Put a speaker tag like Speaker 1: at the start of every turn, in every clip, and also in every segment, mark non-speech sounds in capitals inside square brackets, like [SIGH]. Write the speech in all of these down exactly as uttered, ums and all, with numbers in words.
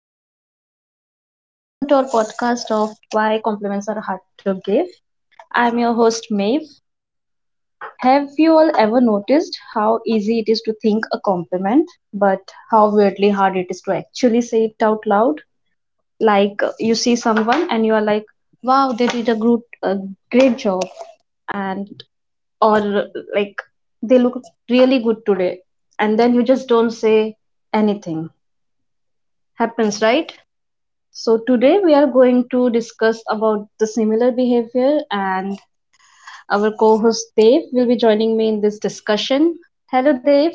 Speaker 1: Hello, everyone. Welcome to our podcast of Why Compliments Are Hard to Give. I'm your host, Maeve. Have you all ever noticed how easy it is to think a compliment, but how weirdly hard it is to actually say it out loud? Like, uh, you see someone and you are like, wow, they did a, good, a great job, and or uh, like, they look really good today. And then you just don't say anything. Happens, right? So today we are going to discuss about the similar behavior, and our co-host Dave will be joining me in this discussion. Hello Dave.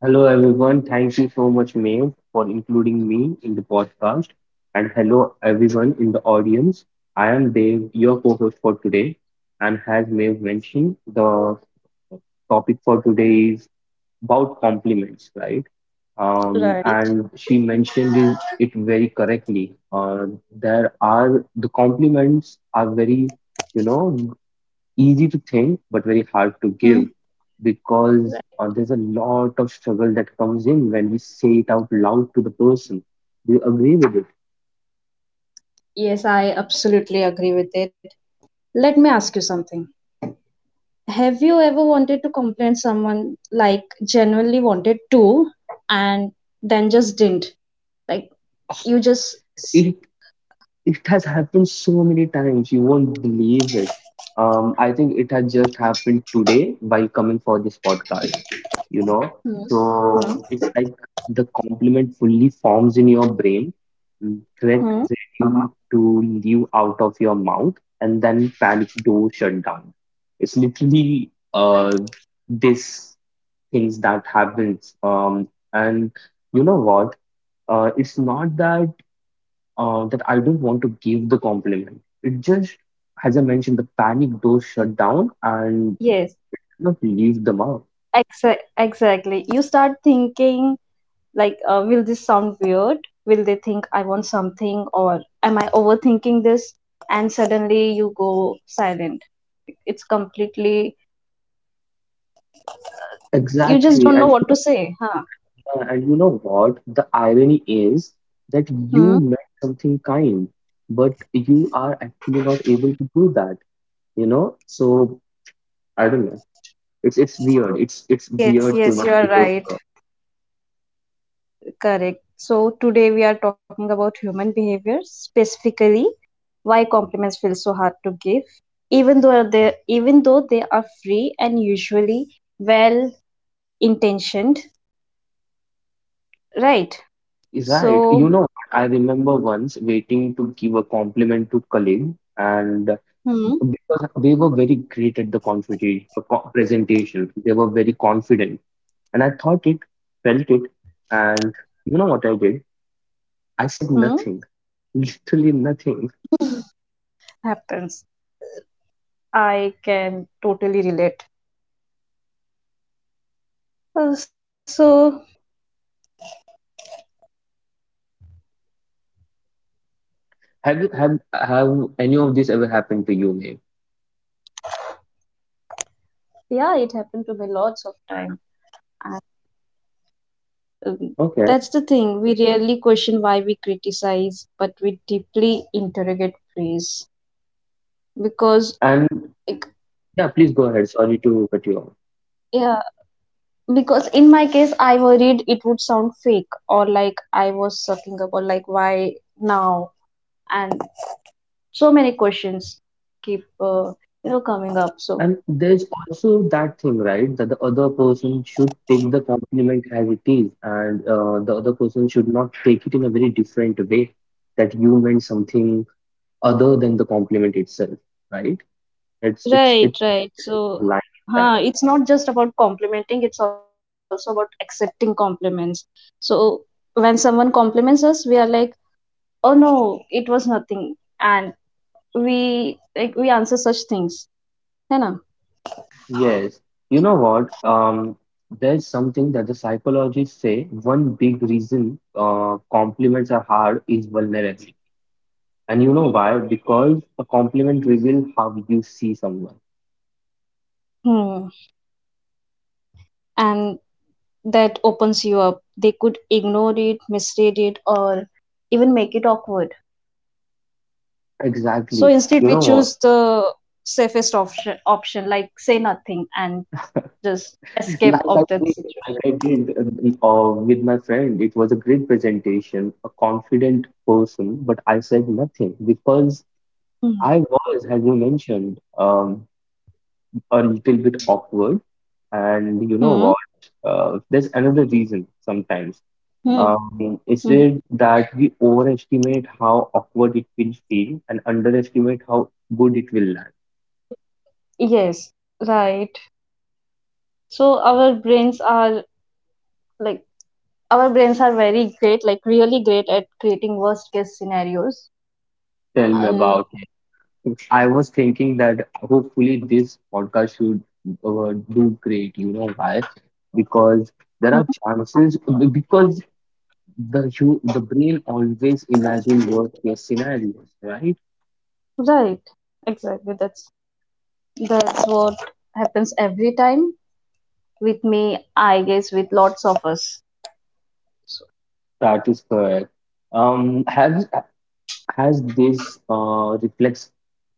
Speaker 2: Hello, everyone. Thank you so much, Maeve, for including me in the podcast. And hello, everyone in the audience. I am Dev, your co host for today. And as Maeve mentioned, the topic for today is about compliments, right? Um,
Speaker 1: Right.
Speaker 2: and she mentioned it it very correctly. Uh, there are the compliments are very, you know, easy to think but very hard to give
Speaker 1: Hmm.
Speaker 2: because uh, there's a lot of struggle that comes in when we say it out loud to the person. Do you agree with
Speaker 1: Yes, I absolutely agree with it. Let me ask you something. Have you ever wanted to complain someone, like genuinely wanted to, and then just didn't? Like
Speaker 2: it?
Speaker 1: you just s-
Speaker 2: It It has happened so many times, you won't believe it. Um, I think it has just happened today while coming for this podcast, you know.
Speaker 1: Hmm.
Speaker 2: So
Speaker 1: Hmm.
Speaker 2: it's like the compliment fully forms in your brain, get
Speaker 1: Hmm?
Speaker 2: ready to leave out of your mouth, and then panic door shut down. It's literally uh this things that happens. Um, and you know what? Uh, it's not that uh, that I don't want to give the compliment. It just, as I mentioned, the panic doors shut down and
Speaker 1: Yes,
Speaker 2: it does not leave the mouth.
Speaker 1: exa- exactly. You start thinking, like uh, will this sound weird, will they think I want something, or am I overthinking this, and suddenly you go silent. It's completely— you just
Speaker 2: Exactly.
Speaker 1: don't know
Speaker 2: And you
Speaker 1: what to
Speaker 2: know
Speaker 1: say.
Speaker 2: what?
Speaker 1: Huh.
Speaker 2: And yeah, and you know what? The irony is that you
Speaker 1: Hmm?
Speaker 2: meant something kind, but you are actually not able to do that, you know? So I don't know. It's it's weird. It's it's
Speaker 1: Yes,
Speaker 2: weird
Speaker 1: yes, you
Speaker 2: human
Speaker 1: are right.
Speaker 2: behavior.
Speaker 1: Correct. So today we are talking about human behavior, specifically why compliments feel so hard to give, even though they even though they are free and usually well intentioned, right?
Speaker 2: Is right.
Speaker 1: So
Speaker 2: You know what? I remember once waiting to give a compliment to colleague and
Speaker 1: hmm.
Speaker 2: because they were very great at the confuta- uh, co- presentation. They were very confident, and I thought it, felt it, and you know what I did? I said
Speaker 1: Hmm.
Speaker 2: nothing, [LAUGHS] literally nothing.
Speaker 1: Happens. I can totally relate. Uh, So,
Speaker 2: Have you have have any of this ever happened to you, May?
Speaker 1: yeah, it happened to me lots of time. And um,
Speaker 2: Okay,
Speaker 1: that's the thing. We rarely question why we criticize, but we deeply interrogate praise. Because,
Speaker 2: and
Speaker 1: like,
Speaker 2: yeah, please go ahead. Sorry to cut you off.
Speaker 1: yeah, because in my case, I worried it would sound fake, or like I was sucking up, or like why now? And so many questions keep, uh, you know, coming up. So.
Speaker 2: And there's also that thing, right, that the other person should take the compliment as it is, and uh, the other person should not take it in a very different way that you meant something other than the compliment itself, right? It's it's
Speaker 1: Right,
Speaker 2: it's a
Speaker 1: right.
Speaker 2: very
Speaker 1: So,
Speaker 2: fine line in
Speaker 1: huh,
Speaker 2: that.
Speaker 1: it's not just about complimenting, it's also about accepting compliments. So, when someone compliments us, we are like, oh no, it was nothing. And we, like, we answer such things. है ना?
Speaker 2: Yes. You know what? Um, there's something that the psychologists say one big reason uh, compliments are hard is vulnerability. And you know why? Because a compliment reveals how you see someone.
Speaker 1: Hmm. And that opens you up. They could ignore it, misread it, or even make it awkward. So
Speaker 2: Exactly.
Speaker 1: instead,
Speaker 2: You
Speaker 1: we
Speaker 2: know what?
Speaker 1: choose the safest option, option like say nothing and just escape
Speaker 2: Like I
Speaker 1: of that
Speaker 2: did, like
Speaker 1: situation.
Speaker 2: I did uh, the- uh, with my friend. It was a great presentation, a confident person, but I said nothing because
Speaker 1: Hmm.
Speaker 2: I was, as you mentioned, um, a little bit awkward. And you know
Speaker 1: Hmm.
Speaker 2: what? Uh, there's another reason sometimes.
Speaker 1: Hmm.
Speaker 2: Um, is
Speaker 1: Mhm.
Speaker 2: it that we overestimate how awkward it will feel and underestimate how good it will land?
Speaker 1: Yes, right. So our brains are like our brains are very great, like really great, at creating worst case scenarios.
Speaker 2: Tell me
Speaker 1: And
Speaker 2: about it. I was thinking that hopefully this podcast should uh, do great. You know why? Because there
Speaker 1: mhm.
Speaker 2: are chances, because the hu the brain always imagine worst case scenarios, right?
Speaker 1: Right, exactly. That's that's what happens every time with me. I guess with lots of us. So,
Speaker 2: That is correct. Um, has has this uh, reflex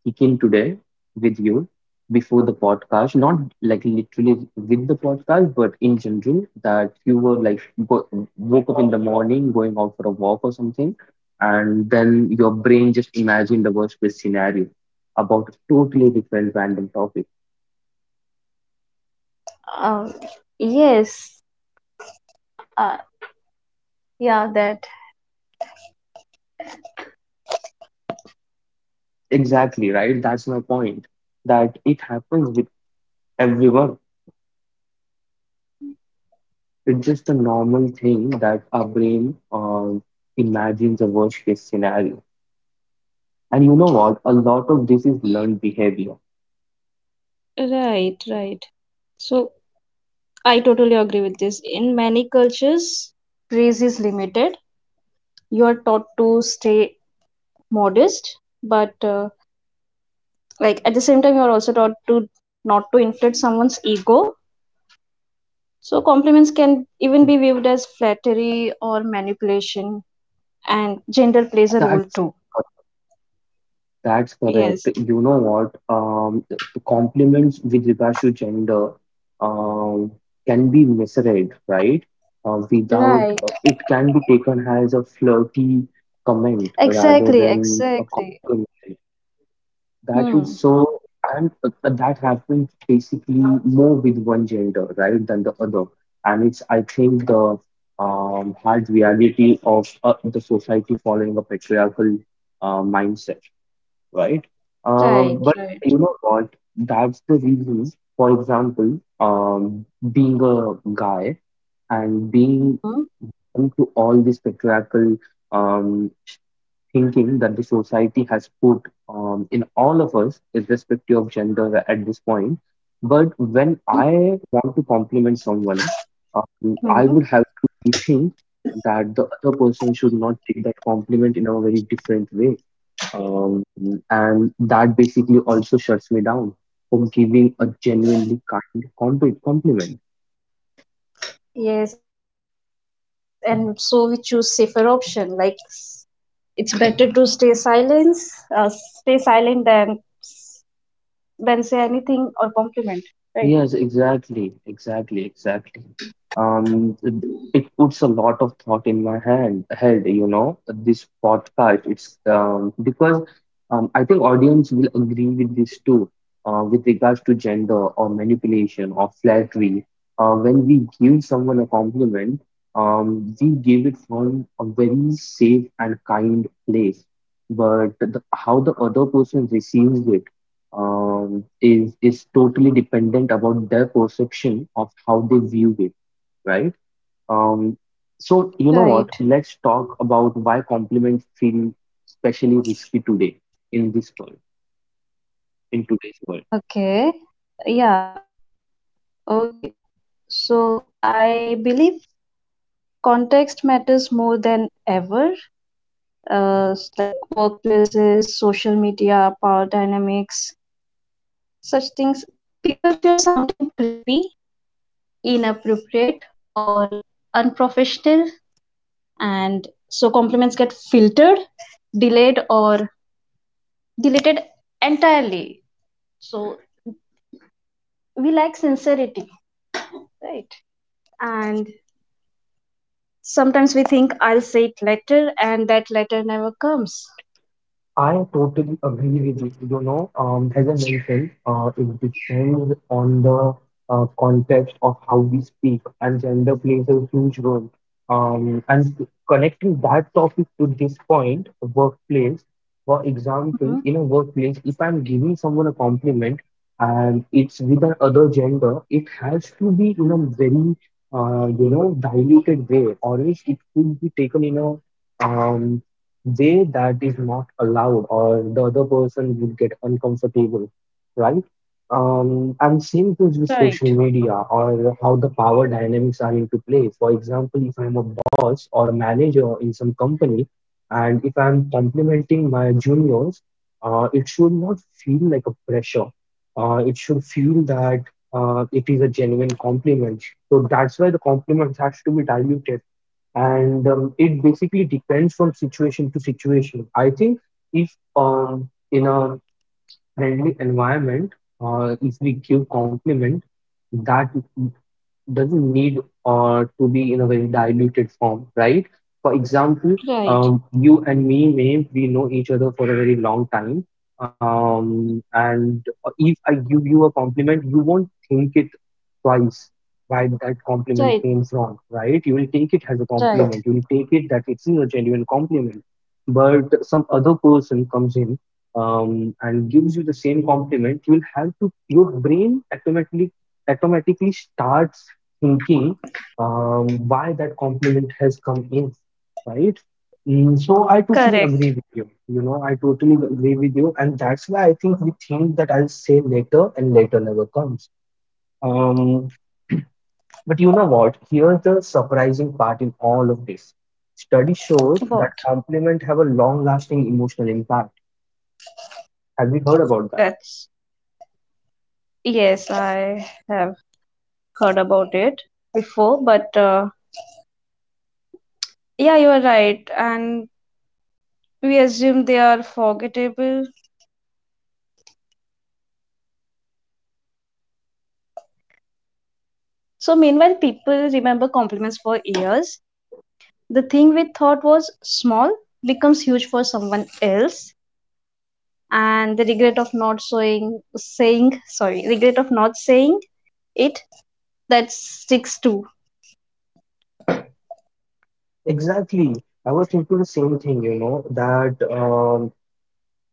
Speaker 2: kick in today with you before the podcast? Not like literally with the podcast, but in general, that you were like go woke up in the morning, going out for a walk or something, and then your brain just imagined the worst case scenario about a totally different random topic.
Speaker 1: Um, yes. Uh, yeah. That.
Speaker 2: Exactly, right? That's my point. That it happens with everyone. It's just a normal thing that our brain uh, imagines a worst case scenario. And you know what? A lot of this is learned behavior.
Speaker 1: Right. Right. So I totally agree with this. In many cultures, praise is limited. You are taught to stay modest, but uh, like at the same time you are also taught to not to inflate someone's ego, so compliments can even be viewed as flattery or manipulation. And gender plays a role
Speaker 2: That's
Speaker 1: too.
Speaker 2: correct. That's correct.
Speaker 1: Yes.
Speaker 2: You know what? Um, the the compliments with regards to gender um, can be misread, right? Uh, without
Speaker 1: Right.
Speaker 2: uh, It can be taken as a flirty comment rather
Speaker 1: Exactly,
Speaker 2: than a
Speaker 1: exactly.
Speaker 2: compliment. That is
Speaker 1: Hmm.
Speaker 2: so, and uh, that happens basically more with one gender, right, than the other. And it's, I think, the um, hard reality of uh, the society following a patriarchal uh, mindset. Uh,
Speaker 1: Right,
Speaker 2: but
Speaker 1: right.
Speaker 2: you know what? That's the reason, for example, um, being a guy and being
Speaker 1: Hmm.
Speaker 2: known to all these patriarchal um, thinking that the society has put um, in all of us, irrespective of gender at this point. But when I want to compliment someone, um, I would
Speaker 1: Hmm.
Speaker 2: have to rethink that the other person should not take that compliment in a very different way. Um, and that basically also shuts me down from giving a genuinely kind compli- compliment.
Speaker 1: Yes, and so we choose safer option, like s- it's better to stay silence, uh, stay silent, than than say anything or compliment, right?
Speaker 2: Yes, exactly, exactly, exactly. Um, it it puts a lot of thought in my hand, head, you know, this podcast. It's um, because um, I think audience will agree with this too, uh, with regards to gender or manipulation or flattery. Uh, when we give someone a compliment, um, we give it from a very safe and kind place. But the, how the other person receives it um, is is totally dependent about their perception of how they view it, right? Um, so you know what?
Speaker 1: Right.
Speaker 2: Let's talk about why compliments feel especially risky today in this world, in today's world.
Speaker 1: Okay. Yeah. Okay. So I believe context matters more than ever. Uh, s- like workplaces, social media, power dynamics, such things. People fear sounding creepy, inappropriate, or unprofessional, and so compliments get filtered, delayed, or deleted entirely. So we lack sincerity, right? And sometimes we think I'll say it later, and that letter never comes.
Speaker 2: I totally agree with you. You know, um, as I mentioned, uh, it depends on the uh, context of how we speak, and gender plays a huge role. Um, and connecting that topic to this point, workplace, for example, in a
Speaker 1: Mhm.
Speaker 2: workplace, if I'm giving someone a compliment and it's with another gender, it has to be in a very, uh, you know, diluted way, or else it could be taken in a um, way that is not allowed or the other person would get uncomfortable, right. Um and same goes with social
Speaker 1: Right.
Speaker 2: media or how the power dynamics are into play. For example, if I'm a boss or a manager in some company and if I'm complimenting my juniors, uh, it should not feel like a pressure. Uh, it should feel that uh, it is a genuine compliment. So that's why the compliments has to be diluted, and um, it basically depends from situation to situation. I think if um, in a friendly environment, uh, if we give compliment, that doesn't need uh, to be in a very diluted form, right? For example, um,
Speaker 1: Right,
Speaker 2: you and me may we know each other for a very long time, um, and if I give you a compliment, you won't think it twice why that compliment came
Speaker 1: right,
Speaker 2: from, right? You will take it as a compliment. You will
Speaker 1: right.
Speaker 2: take it that it's a genuine compliment. But some other person comes in um, and gives you the same compliment, you will have to your brain automatically automatically starts thinking um, why that compliment has come in, right? Mm, so I totally agree with
Speaker 1: Correct.
Speaker 2: you. You know, I totally agree with you, and that's why I think we think that I'll say later, and later never comes. Um, but you know what? Here's the surprising part in all of this. Study shows
Speaker 1: What?
Speaker 2: that compliment have a long-lasting emotional impact. Have you heard about that?
Speaker 1: That's— yes, I have heard about it before, but uh, yeah, you are right. And we assume they are forgettable. So meanwhile, people remember compliments for years. The thing we thought was small becomes huge for someone else, and the regret of not saying, saying, sorry, regret of not saying it, that sticks to.
Speaker 2: Exactly. I was thinking the same thing, you know, that um,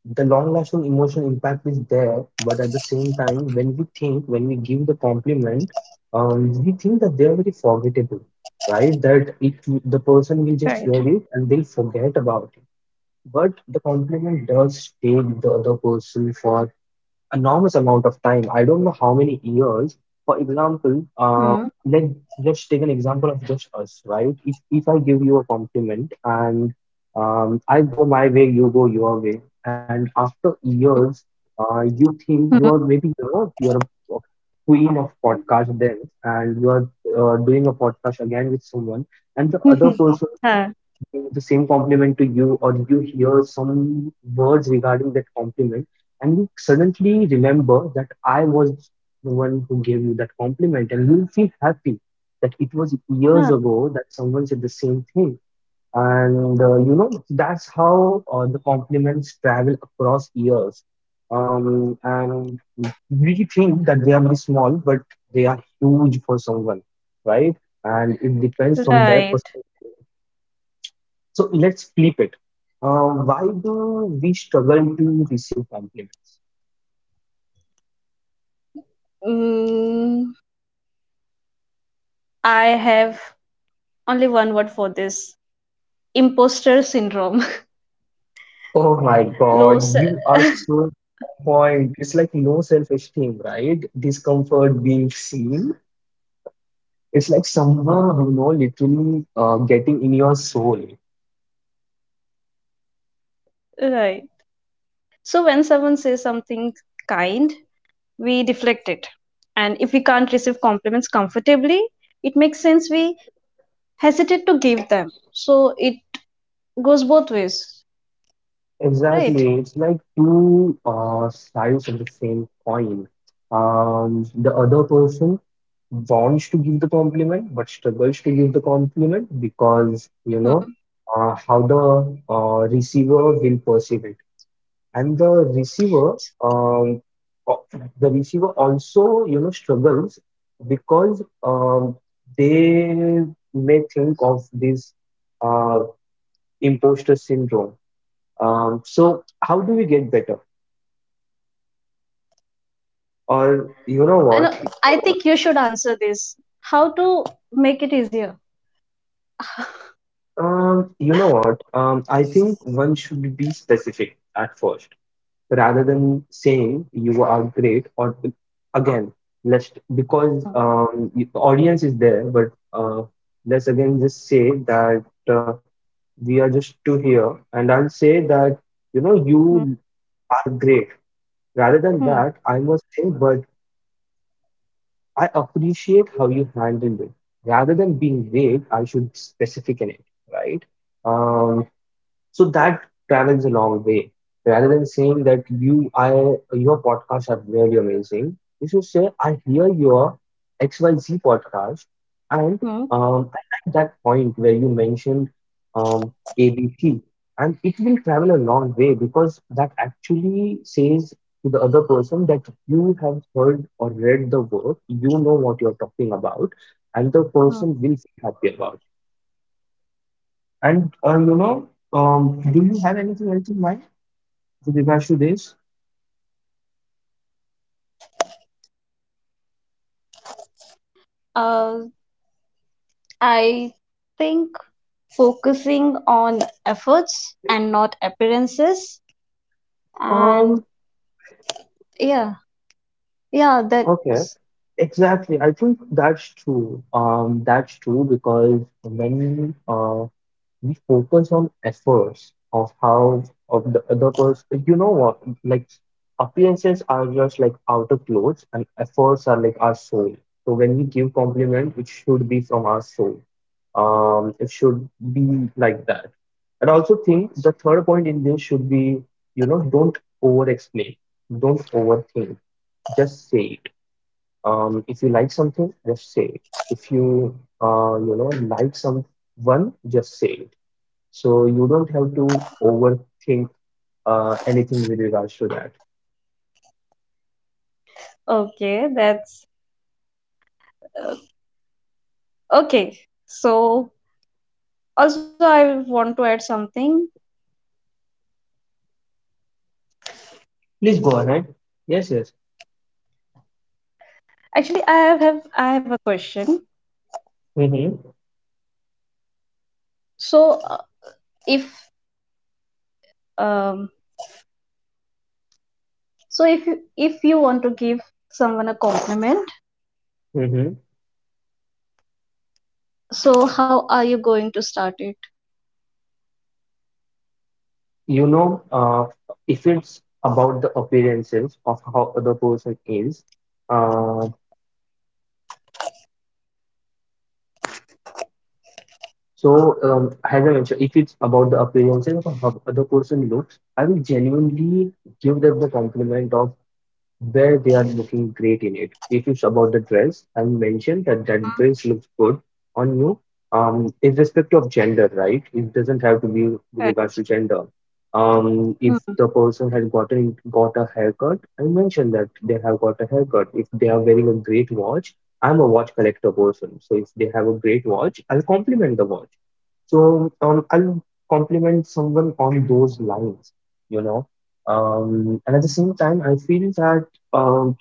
Speaker 2: The long-lasting emotional impact is there, but at the same time, when we think, when we give the compliment, um, we think that they are very forgettable, right? That it, the person will
Speaker 1: Right.
Speaker 2: just hear it and they'll forget about it. But the compliment does take the other person for enormous amount of time. I don't know how many years. For example,
Speaker 1: Hmm.
Speaker 2: um, let let's take an example of just us, right? If if I give you a compliment and um, I go my way, you go your way, and after years, uh, you think you
Speaker 1: Hmm.
Speaker 2: are maybe you know you're a, a queen of podcast then, and you are uh, doing a podcast again with someone, and the other
Speaker 1: [LAUGHS]
Speaker 2: person
Speaker 1: Huh.
Speaker 2: gives the same compliment to you or you hear some words regarding that compliment and you suddenly remember that I was the one who gave you that compliment and you'll feel happy that it was
Speaker 1: Huh.
Speaker 2: years ago that someone said the same thing. And uh, you know that's how uh, the compliments travel across years, um, and we think that they are very small but they are huge for someone, right? And it depends from their
Speaker 1: Right.
Speaker 2: perspective. So let's flip it. Uh, why do we struggle to receive compliments?
Speaker 1: Mm, I have only one word for this: imposter syndrome.
Speaker 2: Oh my
Speaker 1: [LAUGHS] Low
Speaker 2: God,
Speaker 1: se-
Speaker 2: you are so on point. It's like no self-esteem, right? Discomfort being seen. It's like someone, you know, literally uh, getting in your soul.
Speaker 1: right. So, when someone says something kind, we deflect it. And if we can't receive compliments comfortably, it makes sense we hesitate to give them. So, it goes both ways,
Speaker 2: Exactly.
Speaker 1: right?
Speaker 2: It's like two uh, sides of the same coin. Um, the other person wants to give the compliment but struggles to give the compliment because, you know,
Speaker 1: Hmm.
Speaker 2: uh, how the uh, receiver will perceive it. And the receiver, um, o- the receiver also, you know, struggles because um, they may think of this uh, imposter syndrome. Um, so how do we get better? Or you know
Speaker 1: I
Speaker 2: what?
Speaker 1: know.
Speaker 2: You know
Speaker 1: I
Speaker 2: what?
Speaker 1: think you should answer this. How to make it easier?
Speaker 2: Um, you know what? Um, I think one should be specific at first, rather than saying you are great or again, let's because um, you- the audience is there, but uh, let's again just say that uh, we are just two here, and I'll say that you know
Speaker 1: Hmm.
Speaker 2: you are great. Rather than
Speaker 1: Hmm.
Speaker 2: that, I must say, but I appreciate how you handled it. Rather than being vague, I should specific in it, right? Um, so that travels a long way. Rather than saying that you, I, your podcasts are really amazing, you should say, I hear your X Y Z podcast, and
Speaker 1: Hmm.
Speaker 2: um, I like that point where you mentioned um, A B C, and it will travel a long way because that actually says to the other person that you have heard or read the work, you know what you're talking about, and the
Speaker 1: Hmm.
Speaker 2: person will feel happy about. And uh, you know, um, do you have anything else in mind with regards to this?
Speaker 1: Uh, I think focusing on efforts and not appearances. And
Speaker 2: Um,
Speaker 1: yeah, yeah,
Speaker 2: okay,
Speaker 1: that's
Speaker 2: exactly. I think that's true. Um, that's true because many. We focus on efforts of how of the other person, you know, what like appearances are just like outer clothes and efforts are like our soul, so when we give compliment it should be from our soul. Um it should be like that. And I also think the third point in this should be, you know, don't over explain, don't overthink, just say it. Um if you like something just say it. If you uh you know like someone just say it. So you don't have to overthink uh, anything with regards to that.
Speaker 1: okay. That's uh, okay. So also, I want to add something.
Speaker 2: Please go ahead. Yes, yes.
Speaker 1: Actually, I have have- I have a question.
Speaker 2: Mm-hmm.
Speaker 1: So uh, if um, so if you if you want to give someone a compliment,
Speaker 2: Mm-hmm.
Speaker 1: so how are you going to start it?
Speaker 2: You know, uh, if it's about the appearances of how the person is, uh, so um, as I mentioned, if it's about the appearances of how the person looks, I will genuinely give them the compliment of where they are looking great in it. If it's about the dress, I'll mention that that dress looks good on you, um, irrespective of gender, right? It doesn't have to be with
Speaker 1: Right.
Speaker 2: regards to gender. Um, if
Speaker 1: Hmm.
Speaker 2: the person has gotten got a haircut, I mention that they have got a haircut. If they are wearing a great watch, I'm a watch collector person, so if they have a great watch, I'll compliment the watch. So um, I'll compliment someone on those lines, you know. Um, and at the same time, I feel that um,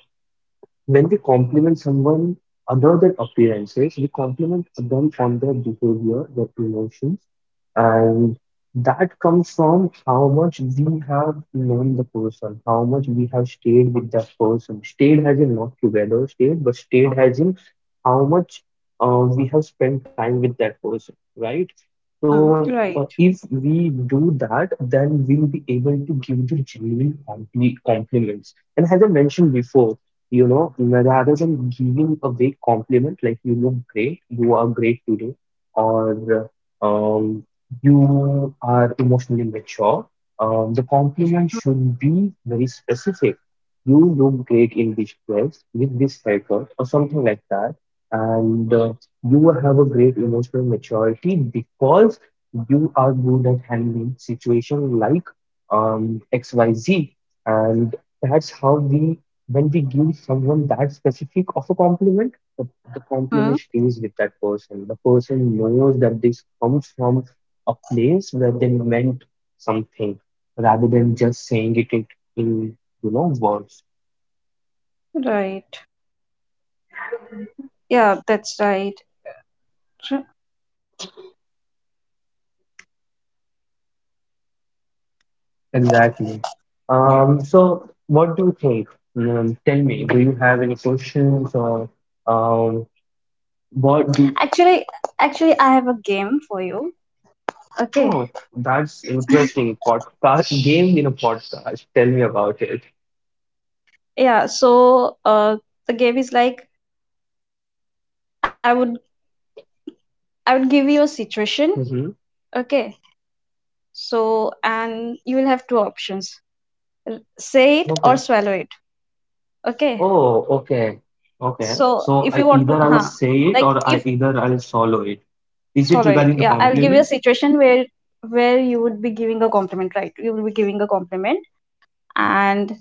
Speaker 2: when we compliment someone other than appearances, we compliment them on their behavior, their emotions, and that comes from how much we have known the person, how much we have stayed with that person. Stayed as in not together, stayed, but stayed as in how much uh, we have spent time with that person, right?
Speaker 1: Hmm,
Speaker 2: So, uh,
Speaker 1: right.
Speaker 2: if we do that, then we'll be able to give the genuine compli compliments. And as I mentioned before, you know, rather than giving a vague compliment like you look great, you are great today, or um, you are emotionally mature, um, the compliment should be very specific. You look great in this dress with this haircut or something like that, and uh, you have a great emotional maturity because you are good at handling situation like um, X Y Z, and that's how we when we give someone that specific of a compliment, the, the
Speaker 1: Hmm.
Speaker 2: compliment stays with that person. The person knows that this comes from a place where they meant something rather than just saying it in, in, you know, words.
Speaker 1: Right. Yeah, that's right. Sure.
Speaker 2: Exactly. Um, so what do you think? Um, tell me, do you have any questions or um, what do,
Speaker 1: Actually, actually, I have a game for you. Okay.
Speaker 2: oh, that's interesting. Podcast game in a podcast. Tell me about it.
Speaker 1: Yeah, so uh, the game is like I would I would give you a situation,
Speaker 2: Mm-hmm.
Speaker 1: okay? So and you will have two options: r- say it or
Speaker 2: Okay.
Speaker 1: swallow it, okay?
Speaker 2: Oh, okay. Okay.
Speaker 1: So
Speaker 2: So
Speaker 1: if
Speaker 2: I
Speaker 1: you want
Speaker 2: either
Speaker 1: to,
Speaker 2: I'll
Speaker 1: huh?
Speaker 2: say it
Speaker 1: Like
Speaker 2: or I
Speaker 1: if—
Speaker 2: either I'll swallow it. Is it
Speaker 1: all right.
Speaker 2: regarding the
Speaker 1: Yeah, I'll give you a
Speaker 2: compliment?
Speaker 1: situation where where you would be giving a compliment, right? You will be giving a compliment, and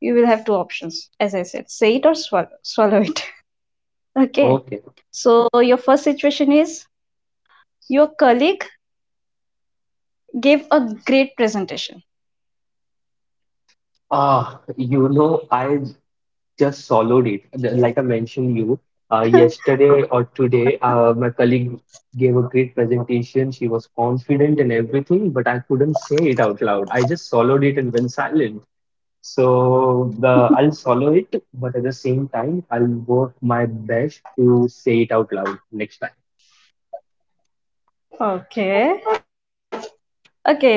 Speaker 1: you will have two options. As I said, say it or swallow, swallow it. [LAUGHS] Okay.
Speaker 2: Okay.
Speaker 1: So your first situation is your colleague gave a great presentation. [LAUGHS]
Speaker 2: Ah, you know, I just swallowed it. The- Like I mentioned you, uh, yesterday or today, uh, my colleague gave a great presentation. She was confident and everything, but I couldn't say it out loud. I just swallowed it and went silent. So the I'll swallow it, but at the same time, I'll work my best to say it out loud next time.
Speaker 1: Okay. Okay,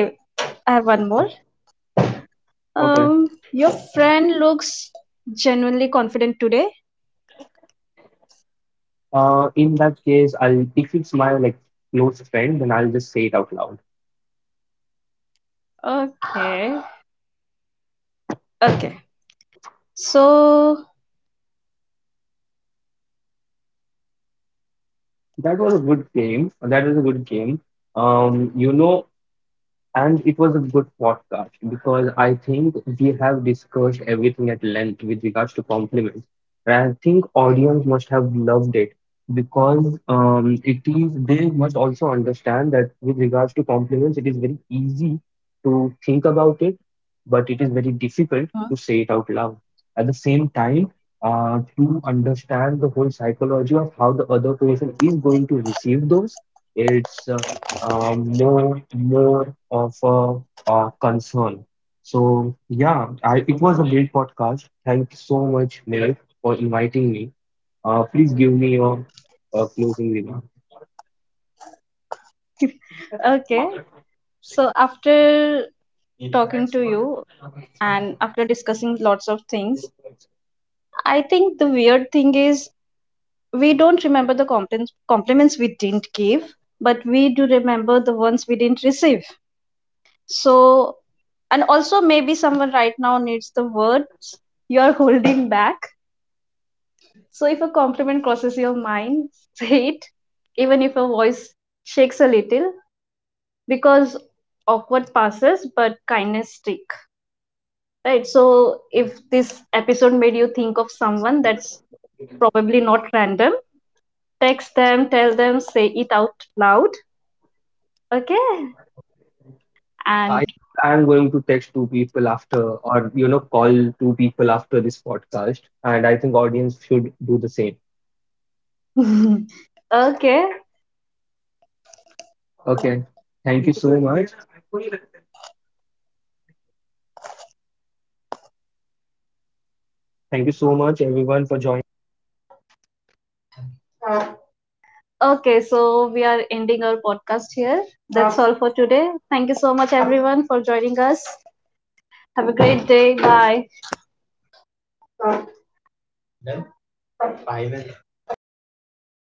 Speaker 1: I have one more.
Speaker 2: Okay.
Speaker 1: Um, your friend looks genuinely confident today.
Speaker 2: Uh, in that case, I'll if it's my like close friend, then I'll just say it out loud.
Speaker 1: Okay. Okay. So,
Speaker 2: That was a good game. That was a good game. Um, you know, and it was a good podcast because I think we have discussed everything at length with regards to compliments, and I think audience must have loved it because um, it is they must also understand that with regards to compliments, it is very easy to think about it, but it is very difficult
Speaker 1: hmm.
Speaker 2: to say it out loud. At the same time, uh, to understand the whole psychology of how the other person is going to receive those, it's uh, um, more more of a, uh concern. So yeah, I, it was a great podcast. Thank you so much, Niraj, for inviting me. Uh, please give me your uh, closing remark.
Speaker 1: Okay. So after talking to you and after discussing lots of things. I think the weird thing is we don't remember the compliments compliments we didn't give, but we do remember the ones we didn't receive. So and also maybe someone right now needs the words you're holding back. So if a compliment crosses your mind, [LAUGHS] say it, even if your voice shakes a little, because awkward passes, but kindness sticks. Right? So if this episode made you think of someone, that's probably not random. Text them, tell them, say it out loud, okay? And
Speaker 2: I think I am going to text two people after, or you know, call two people after this podcast, and I think audience should do the same.
Speaker 1: [LAUGHS] okay.
Speaker 2: Okay, thank you so much. Thank you so much, everyone, for joining.
Speaker 1: Okay, so we are ending our podcast here. That's all for today. Thank you so much, everyone, for joining us. Have a great day. Bye.